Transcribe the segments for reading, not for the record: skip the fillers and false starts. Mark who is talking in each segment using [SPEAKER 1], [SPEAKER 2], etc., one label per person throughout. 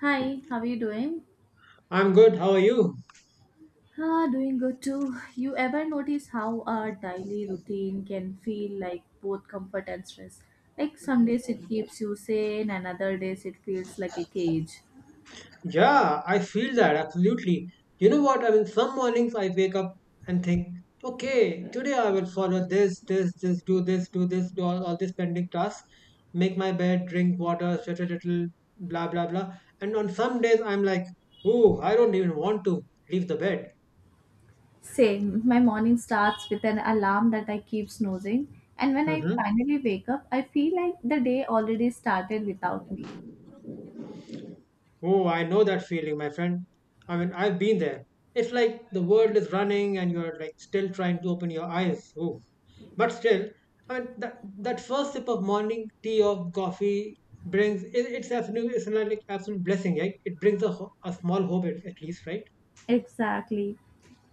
[SPEAKER 1] Hi, how are you doing?
[SPEAKER 2] I'm good. How are you?
[SPEAKER 1] Ah, doing good too. You ever notice how our daily routine can feel like both comfort and stress? Like some days it keeps you sane, and other days it feels like a cage.
[SPEAKER 2] Yeah, I feel that absolutely. You know what? I mean, some mornings I wake up and think, okay, today I will follow this, do this, do all these pending tasks, make my bed, drink water, stretch a little, blah, blah, blah. And on some days, I'm like, oh, I don't even want to leave the bed.
[SPEAKER 1] Same. My morning starts with an alarm that I keep snoozing, and when I
[SPEAKER 2] Mm-hmm.
[SPEAKER 1] finally wake up, I feel like the day already started without me.
[SPEAKER 2] Oh, I know that feeling, my friend. I mean, I've been there. It's like the world is running and you're like still trying to open your eyes. Ooh. But still, I mean, that first sip of morning tea or coffee brings, it's like absolute blessing, right? It brings a, a small hope at least, right?
[SPEAKER 1] Exactly.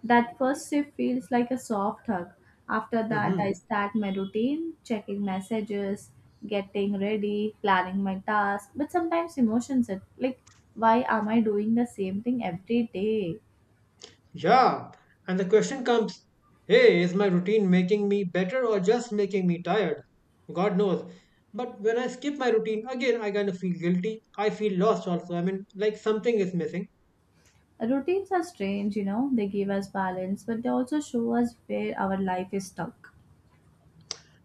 [SPEAKER 1] That first sip feels like a soft hug. After that, I
[SPEAKER 2] Mm-hmm.
[SPEAKER 1] start my routine, checking messages, getting ready, planning my task. But sometimes emotions are like, why am I doing the same thing every day?
[SPEAKER 2] Yeah, and the question comes, hey, is my routine making me better or just making me tired? God knows. But when I skip my routine, again, I kind of feel guilty. I feel lost also. I mean, like something is missing.
[SPEAKER 1] Routines are strange, you know, they give us balance, but they also show us where our life is stuck.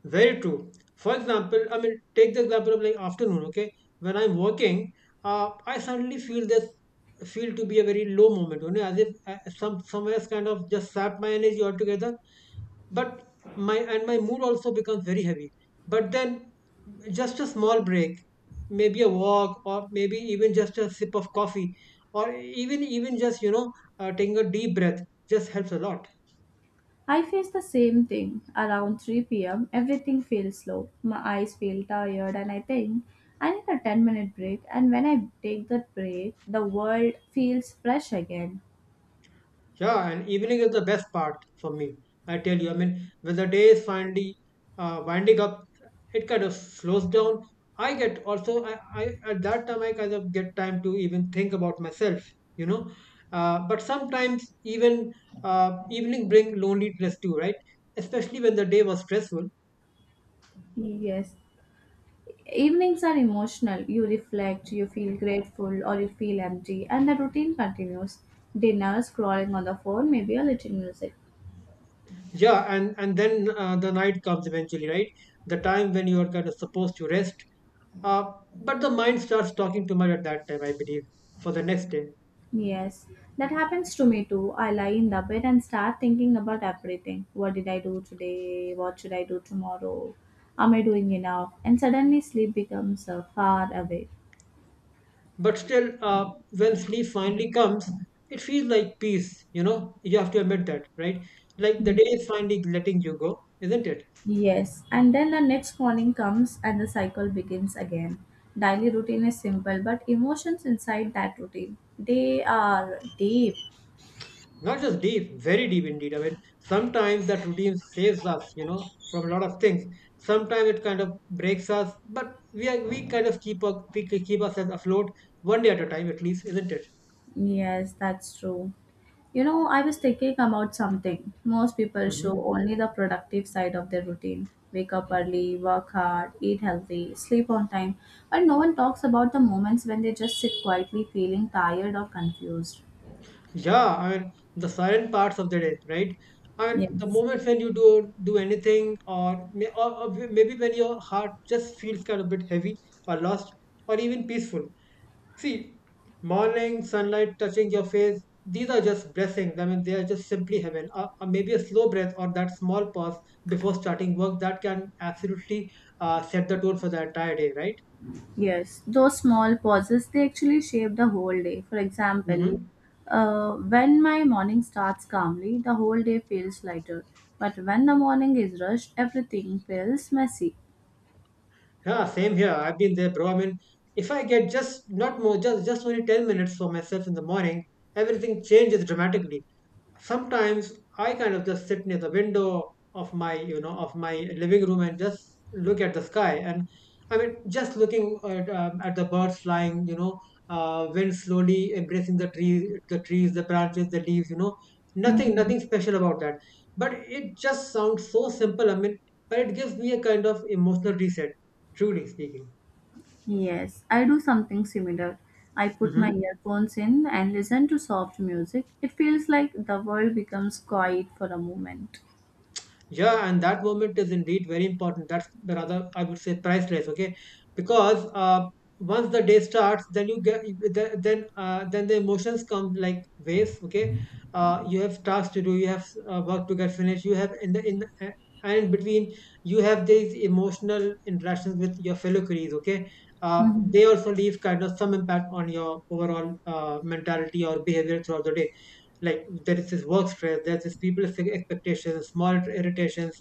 [SPEAKER 2] Very true. For example, I mean, take the example of like afternoon, okay? When I'm working, I suddenly feel this feel to be a very low moment, you know, as if somewhere else kind of just sapped my energy altogether. But my and my mood also becomes very heavy. But then just a small break, maybe a walk or maybe even just a sip of coffee, or even just you know, taking a deep breath, just helps a lot.
[SPEAKER 1] I face the same thing. Around 3 p.m., everything feels slow. My eyes feel tired, and I think I need a 10-minute minute break. And when I take that break, the world feels fresh again.
[SPEAKER 2] Yeah, and evening is the best part for me. I tell you, I mean, when the day is finally winding up, it kind of slows down. I get also, I at that time I kind of get time to even think about myself, you know. But sometimes even evening bring loneliness too, right? Especially when the day was stressful.
[SPEAKER 1] Yes. Evenings are emotional. You reflect, you feel grateful, or you feel empty, and the routine continues. Dinner, scrolling on the phone, maybe a little music.
[SPEAKER 2] Yeah, and then the night comes eventually, right? The time when you are kind of supposed to rest. Uh, but the mind starts talking too much at that time, I believe, for the next day.
[SPEAKER 1] Yes, that happens to me too. I lie in the bed and start thinking about everything. What did I do today? What should I do tomorrow? Am I doing enough? And suddenly sleep becomes far away.
[SPEAKER 2] But still, when sleep finally comes, it feels like peace, you know. You have to admit that, right? Like the
[SPEAKER 1] Mm.
[SPEAKER 2] day is finally letting you go, isn't it?
[SPEAKER 1] Yes, and then the next morning comes and the cycle begins again. Daily routine is simple, but emotions inside that routine, they are deep.
[SPEAKER 2] Not just deep, very deep indeed. I mean, sometimes that routine saves us, you know, from a lot of things. Sometimes it kind of breaks us, but we kind of keep up, we keep ourselves afloat, one day at a time at least, isn't it?
[SPEAKER 1] Yes, that's true. You know, I was thinking about something. Most people
[SPEAKER 2] Hmm.
[SPEAKER 1] show only the productive side of their routine. Wake up early, work hard, eat healthy, sleep on time, but no one talks about the moments when they just sit quietly feeling tired or confused.
[SPEAKER 2] Yeah, I mean the silent parts of the day, right? I mean the
[SPEAKER 1] Yes.
[SPEAKER 2] moments when you do anything, or maybe when your heart just feels kind of bit heavy, or lost, or even peaceful. See, morning sunlight touching your face, these are just blessings. I mean, they are just simply heaven. Or maybe a slow breath or that small pause before starting work that can absolutely set the tone for the entire day, right?
[SPEAKER 1] Yes. Those small pauses, they actually shape the whole day. For example,
[SPEAKER 2] Mm-hmm.
[SPEAKER 1] when my morning starts calmly, the whole day feels lighter. But when the morning is rushed, everything feels messy.
[SPEAKER 2] Yeah, same here. I've been there, bro. I mean, if I get just not more, just only 10 minutes for myself in the morning, everything changes dramatically. Sometimes I kind of just sit near the window of my, you know, of my living room and just look at the sky. And I mean, just looking at the birds flying, you know, wind slowly embracing the tree, the trees, the branches, the leaves. You know,
[SPEAKER 1] Mhm.
[SPEAKER 2] nothing special about that. But it just sounds so simple. I mean, but it gives me a kind of emotional reset, truly speaking.
[SPEAKER 1] Yes, I do something similar. I put my
[SPEAKER 2] Hmm.
[SPEAKER 1] earphones in and listen to soft music. It feels like the world becomes quiet for a moment.
[SPEAKER 2] Yeah, and that moment is indeed very important. That's the rather, I would say, priceless. Okay, because once the day starts, then you get then the emotions come like waves. Okay, you have tasks to do, you have work to get finished, you have in between you have these emotional interactions with your fellow colleagues. Okay, uh,
[SPEAKER 1] Hmm.
[SPEAKER 2] they also leave kind of some impact on your overall mentality or behavior throughout the day. Like, there is this work stress, there's this people's expectations, small irritations,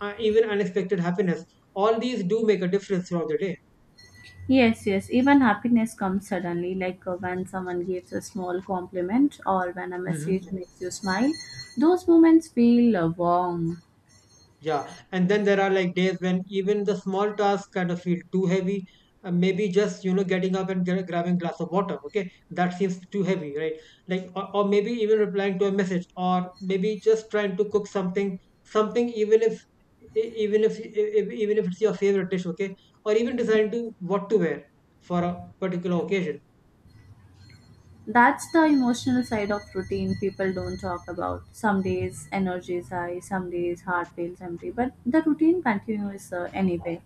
[SPEAKER 2] even unexpected happiness. All these do make a difference throughout the day.
[SPEAKER 1] Yes, yes, even happiness comes suddenly, like when someone gives a small compliment or when a
[SPEAKER 2] Hmm.
[SPEAKER 1] message makes you smile. Those moments feel warm.
[SPEAKER 2] Yeah, and then there are like days when even the small tasks kind of feel too heavy. Maybe just you know getting up and grabbing glass of water. Okay, that seems too heavy, right? Like, or maybe even replying to a message, or maybe just trying to cook something, something even if even if it's your favorite dish, okay, or even deciding
[SPEAKER 1] Yes.
[SPEAKER 2] to what to wear for a particular occasion.
[SPEAKER 1] That's the emotional side of routine people don't talk about. Some days energy is high, some days heart feels empty, but the routine continues anyway.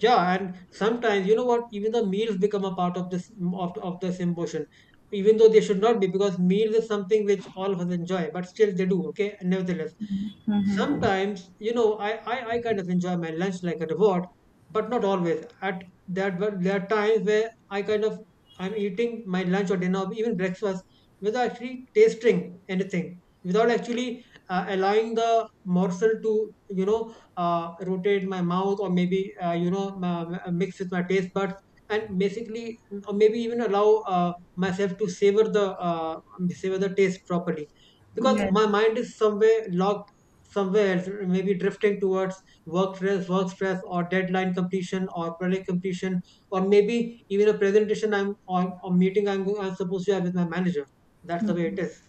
[SPEAKER 2] Yeah, and sometimes you know what? Even the meals become a part of this of this emotion, even though they should not be, because meals is something which all of us enjoy, but still they do. Okay, nevertheless
[SPEAKER 1] Mm-hmm.
[SPEAKER 2] sometimes you know, I kind of enjoy my lunch like a reward, but not always at that. But there are times where I kind of I'm eating my lunch or dinner or even breakfast without actually tasting anything, without actually allowing the morsel to, you know, rotate my mouth, or maybe you know mix with my taste buds, and basically, or maybe even allow myself to savor the taste properly, because
[SPEAKER 1] Yes.
[SPEAKER 2] my mind is somewhere locked somewhere else, maybe drifting towards work stress or deadline completion or project completion, or maybe even a presentation I'm on. A meeting I'm, I'm supposed to have with my manager. That's the way
[SPEAKER 1] Mhm.
[SPEAKER 2] it is.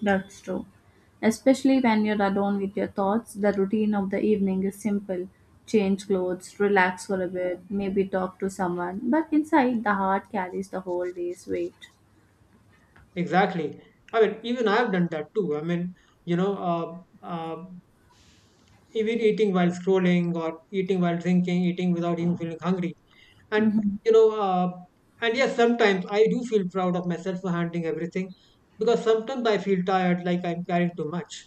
[SPEAKER 1] That's true. Especially when you're alone with your thoughts, the routine of the evening is simple. Change clothes, relax for a bit, maybe talk to someone. But inside, the heart carries the whole day's weight.
[SPEAKER 2] Exactly. I mean, even I've done that too. I mean, you know, uh, uh, even eating while scrolling or eating while drinking, eating without even feeling hungry. And,
[SPEAKER 1] Mhm.
[SPEAKER 2] you know, and yes, sometimes I do feel proud of myself for handling everything, because sometimes I feel tired, like I'm carrying too much.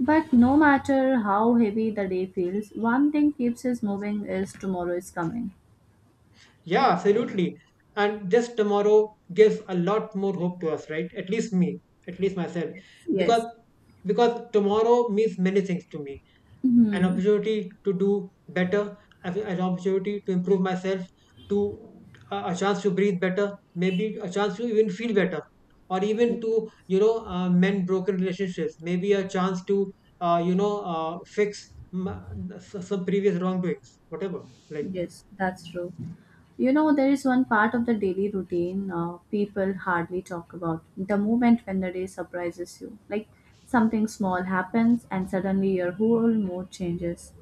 [SPEAKER 1] But no matter how heavy the day feels, one thing keeps us moving is tomorrow is coming.
[SPEAKER 2] Yeah, absolutely. And this tomorrow gives a lot more hope to us, right? At least me, at least myself.
[SPEAKER 1] Yes.
[SPEAKER 2] Because
[SPEAKER 1] Yes.
[SPEAKER 2] because tomorrow means many things to me. An
[SPEAKER 1] Mhm.
[SPEAKER 2] opportunity to do better, an opportunity to improve myself, to a chance to breathe better, maybe a chance to even feel better, or even to you know mend broken relationships. Maybe a chance to you know fix m- some previous wrongdoings, whatever. Like.
[SPEAKER 1] Yes, that's true. You know, there is one part of the daily routine people hardly talk about the moment when the day surprises you. Like something small happens and suddenly your whole mood changes.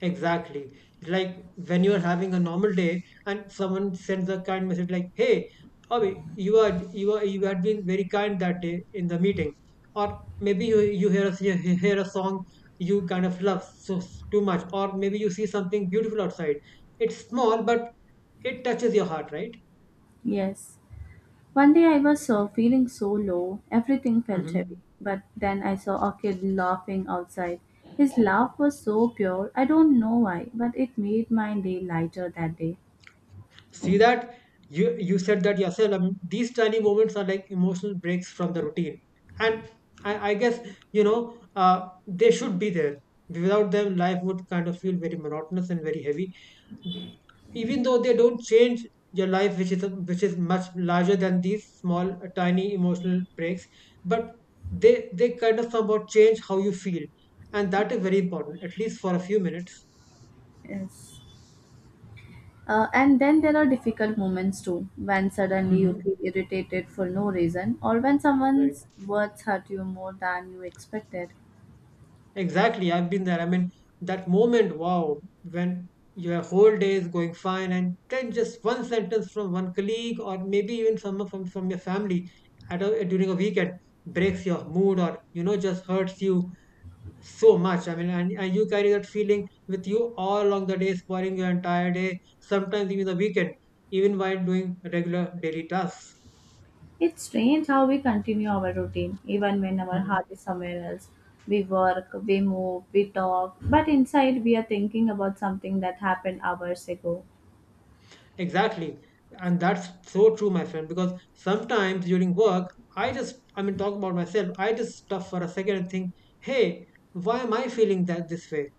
[SPEAKER 2] Exactly. It's like when you're having a normal day and someone sends a kind message like, "Hey, Abhi, you had been very kind that day in the meeting." Or maybe you hear a song you kind of love so too much, or maybe you see something beautiful outside. It's small, but it touches your heart, right?
[SPEAKER 1] Yes. One day I was feeling so low, everything felt heavy.
[SPEAKER 2] Hmm.
[SPEAKER 1] But then I saw a kid laughing outside. His laugh was so pure, I don't know why, but it made my day lighter that day.
[SPEAKER 2] See that, you said that yourself. I mean, these tiny moments are like emotional breaks from the routine, and I guess, you know, they should be there. Without them life would kind of feel very monotonous and very heavy, even though they don't change your life, which is much larger than these small tiny emotional breaks. But they kind of somehow change how you feel, and that is very important, at least for a few minutes.
[SPEAKER 1] Yes. And then there are difficult moments too, when suddenly you feel
[SPEAKER 2] Hmm.
[SPEAKER 1] irritated for no reason, or when someone's
[SPEAKER 2] Right.
[SPEAKER 1] words hurt you more than you expected.
[SPEAKER 2] Exactly, I've been there. I mean, that moment, wow, when your whole day is going fine, and then just one sentence from one colleague or maybe even someone from your family at a, during a weekend, breaks your mood, or you know just hurts you so much. I mean, and you carry that feeling with you all along the day, spoiling your entire day, sometimes even the weekend, even while doing regular daily tasks.
[SPEAKER 1] It's strange how we continue our routine, even when our
[SPEAKER 2] Mhm.
[SPEAKER 1] heart is somewhere else. We work, we move, we talk, but inside we are thinking about something that happened hours ago.
[SPEAKER 2] Exactly. And that's so true, my friend, because sometimes during work, I mean, talk about myself, I just stop for a second and think, hey, why am I feeling that this way?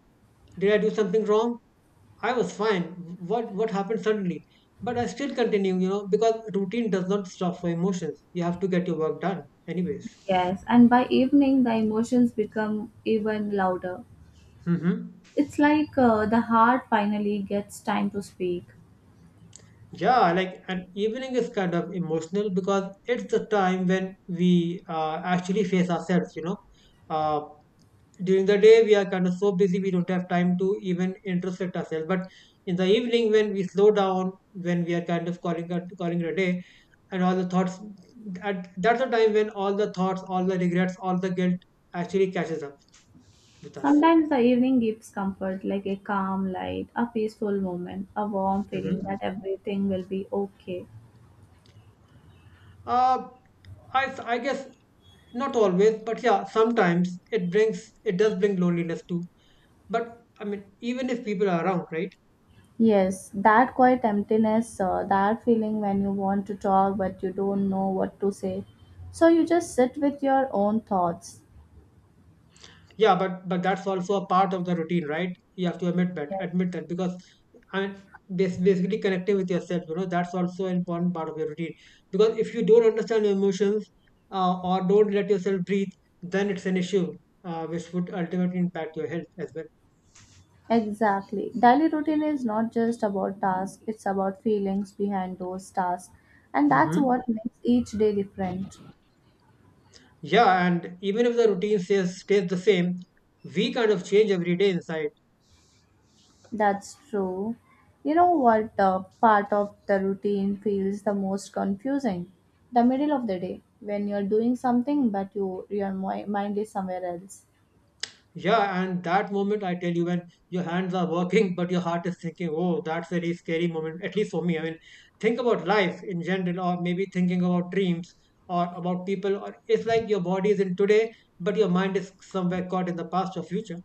[SPEAKER 2] Did I do something wrong? I was fine. What happened suddenly? But I still continue, you know, because routine does not stop for emotions. You have to get your work done, anyways.
[SPEAKER 1] Yes, and by evening the emotions become even louder.
[SPEAKER 2] Mm-hmm.
[SPEAKER 1] It's like the heart finally gets time to speak.
[SPEAKER 2] Yeah, like an evening is kind of emotional because it's the time when we actually face ourselves, you know. Uh, during the day we are kind of so busy we don't have time to even introspect ourselves, but in the evening when we slow down, when we are kind of calling it a day, and all the thoughts that's the time when all the thoughts, all the regrets, all the guilt actually catches up with us.
[SPEAKER 1] Sometimes the evening gives comfort, like a calm light, a peaceful moment, a warm
[SPEAKER 2] hmm
[SPEAKER 1] feeling that everything will be okay.
[SPEAKER 2] uh, I, I guess not always, but yeah, sometimes it brings, it does bring loneliness too, but I mean, even if people are around, right?
[SPEAKER 1] Yes, that quiet emptiness, that feeling when you want to talk but you don't know what to say. So you just sit with your own thoughts.
[SPEAKER 2] Yeah, but that's also a part of the routine, right? You have to admit that,
[SPEAKER 1] Yes,
[SPEAKER 2] admit that, because I mean, basically connecting with yourself, you know, that's also an important part of your routine. Because if you don't understand your emotions, or don't let yourself breathe, then it's an issue, which would ultimately impact your health as well.
[SPEAKER 1] exactly. Daily routine is not just about tasks, it's about feelings behind those tasks. And that's
[SPEAKER 2] Hmm.
[SPEAKER 1] what makes each day different.
[SPEAKER 2] Yeah, and even if the routine stays the same, we kind of change every day inside.
[SPEAKER 1] That's true. You know what, part of the routine feels the most confusing? The middle of the day, when you're doing something but you, your mind is somewhere else.
[SPEAKER 2] Yeah, and that moment, I tell you, when your hands are working but your heart is thinking, oh, that's a really scary moment, at least for me. I mean, think about life in general, or maybe thinking about dreams, or about people. Or it's like your body is in today, but your mind is somewhere caught in the past or future.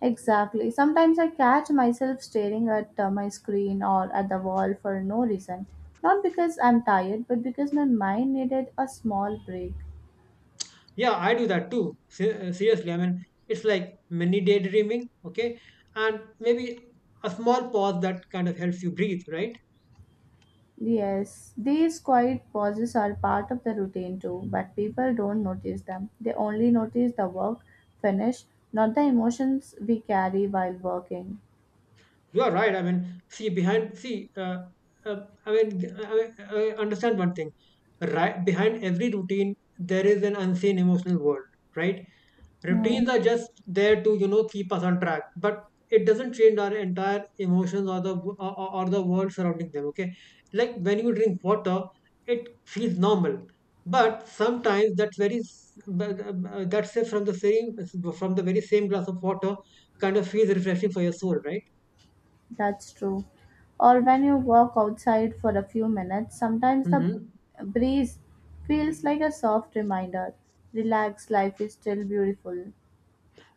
[SPEAKER 1] Exactly. Sometimes I catch myself staring at my screen or at the wall for no reason. Not because I'm tired, but because my mind needed a small break.
[SPEAKER 2] Yeah, I do that too. Seriously, I mean, it's like mini daydreaming, okay? And maybe a small pause that kind of helps you breathe, right?
[SPEAKER 1] Yes, these quiet pauses are part of the routine too, but people don't notice them. They only notice the work finish, not the emotions we carry while working.
[SPEAKER 2] You are right. I mean, see behind. Uh, I mean, I understand one thing. Right behind every routine, there is an unseen emotional world, right?
[SPEAKER 1] Hmm,
[SPEAKER 2] Routines are just there to, you know, keep us on track, but it doesn't change our entire emotions, or the, or the world surrounding them. Okay, like when you drink water, it feels normal. But sometimes that very s- but, that's it from the same, from the very same glass of water, kind of feels refreshing for your soul, right?
[SPEAKER 1] that's true. Or when you walk outside for a few minutes, sometimes the
[SPEAKER 2] Mm-hmm.
[SPEAKER 1] breeze feels like a soft reminder. Relax, life is still beautiful.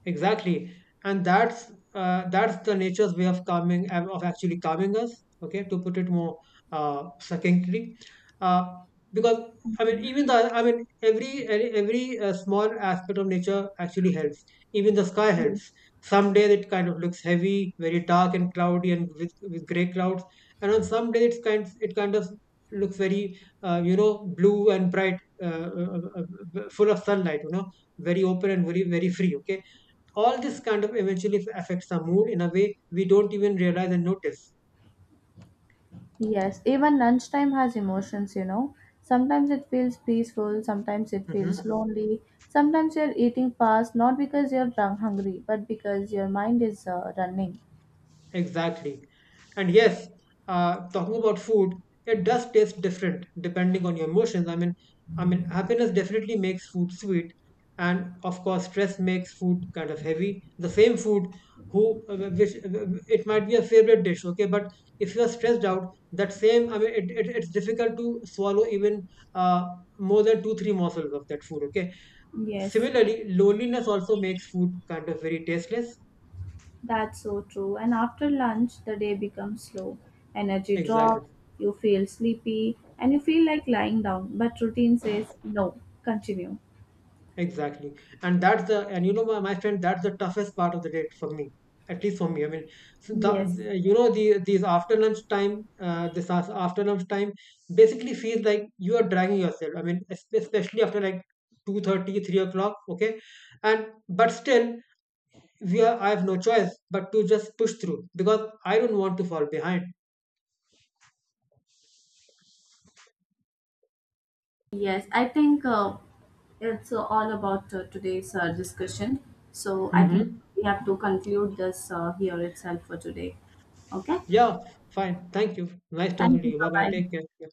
[SPEAKER 2] Exactly. And that's the nature's way of calming, of actually calming us. Okay, to put it more succinctly, uh, because I mean, every small aspect of nature actually helps. Even the sky helps. Some days it kind of looks heavy, very dark and cloudy, and with gray clouds. And on some days it kind of looks very you know, blue and bright, full of sunlight. You know, very open and very free. Okay, all this kind of eventually affects our mood in a way we don't even realize and notice.
[SPEAKER 1] Yes, even lunchtime has emotions, you know. Sometimes it feels peaceful, sometimes it feels
[SPEAKER 2] Hmm.
[SPEAKER 1] lonely. Sometimes you're eating fast not because you're drunk hungry, but because your mind is running.
[SPEAKER 2] Exactly. And yes, talking about food, it does taste different depending on your emotions. I mean, happiness definitely makes food sweet, and of course, stress makes food kind of heavy. The same food, who which it might be a favorite dish, okay, but if you are stressed out, that same, I mean, it's difficult to swallow even uh, more than two, three morsels of that food, okay.
[SPEAKER 1] Yes,
[SPEAKER 2] Similarly, loneliness also makes food kind of very tasteless.
[SPEAKER 1] that's so true. And after lunch, the day becomes slow. Energy
[SPEAKER 2] Exactly.
[SPEAKER 1] drops, you feel sleepy, and you feel like lying down. But routine says, no, continue.
[SPEAKER 2] Exactly. And that's the, and you know, my friend, that's the toughest part of the date for me, at least for me. I mean, so
[SPEAKER 1] Yes.
[SPEAKER 2] you know, these after lunch time, after lunch time basically feels like you are dragging yourself. I mean, especially after like 2:30, 3 o'clock, okay? And, but still, I have no choice but to just push through because I don't want to fall behind.
[SPEAKER 1] Yes, I think it's all about today's discussion. So I think
[SPEAKER 2] Mm-hmm.
[SPEAKER 1] we have to conclude this here itself for today. Okay.
[SPEAKER 2] Yeah, fine. Thank you. Nice talking
[SPEAKER 1] Thank
[SPEAKER 2] to
[SPEAKER 1] you.
[SPEAKER 2] you. Bye bye.
[SPEAKER 1] Bye bye.
[SPEAKER 2] Take care. Yeah.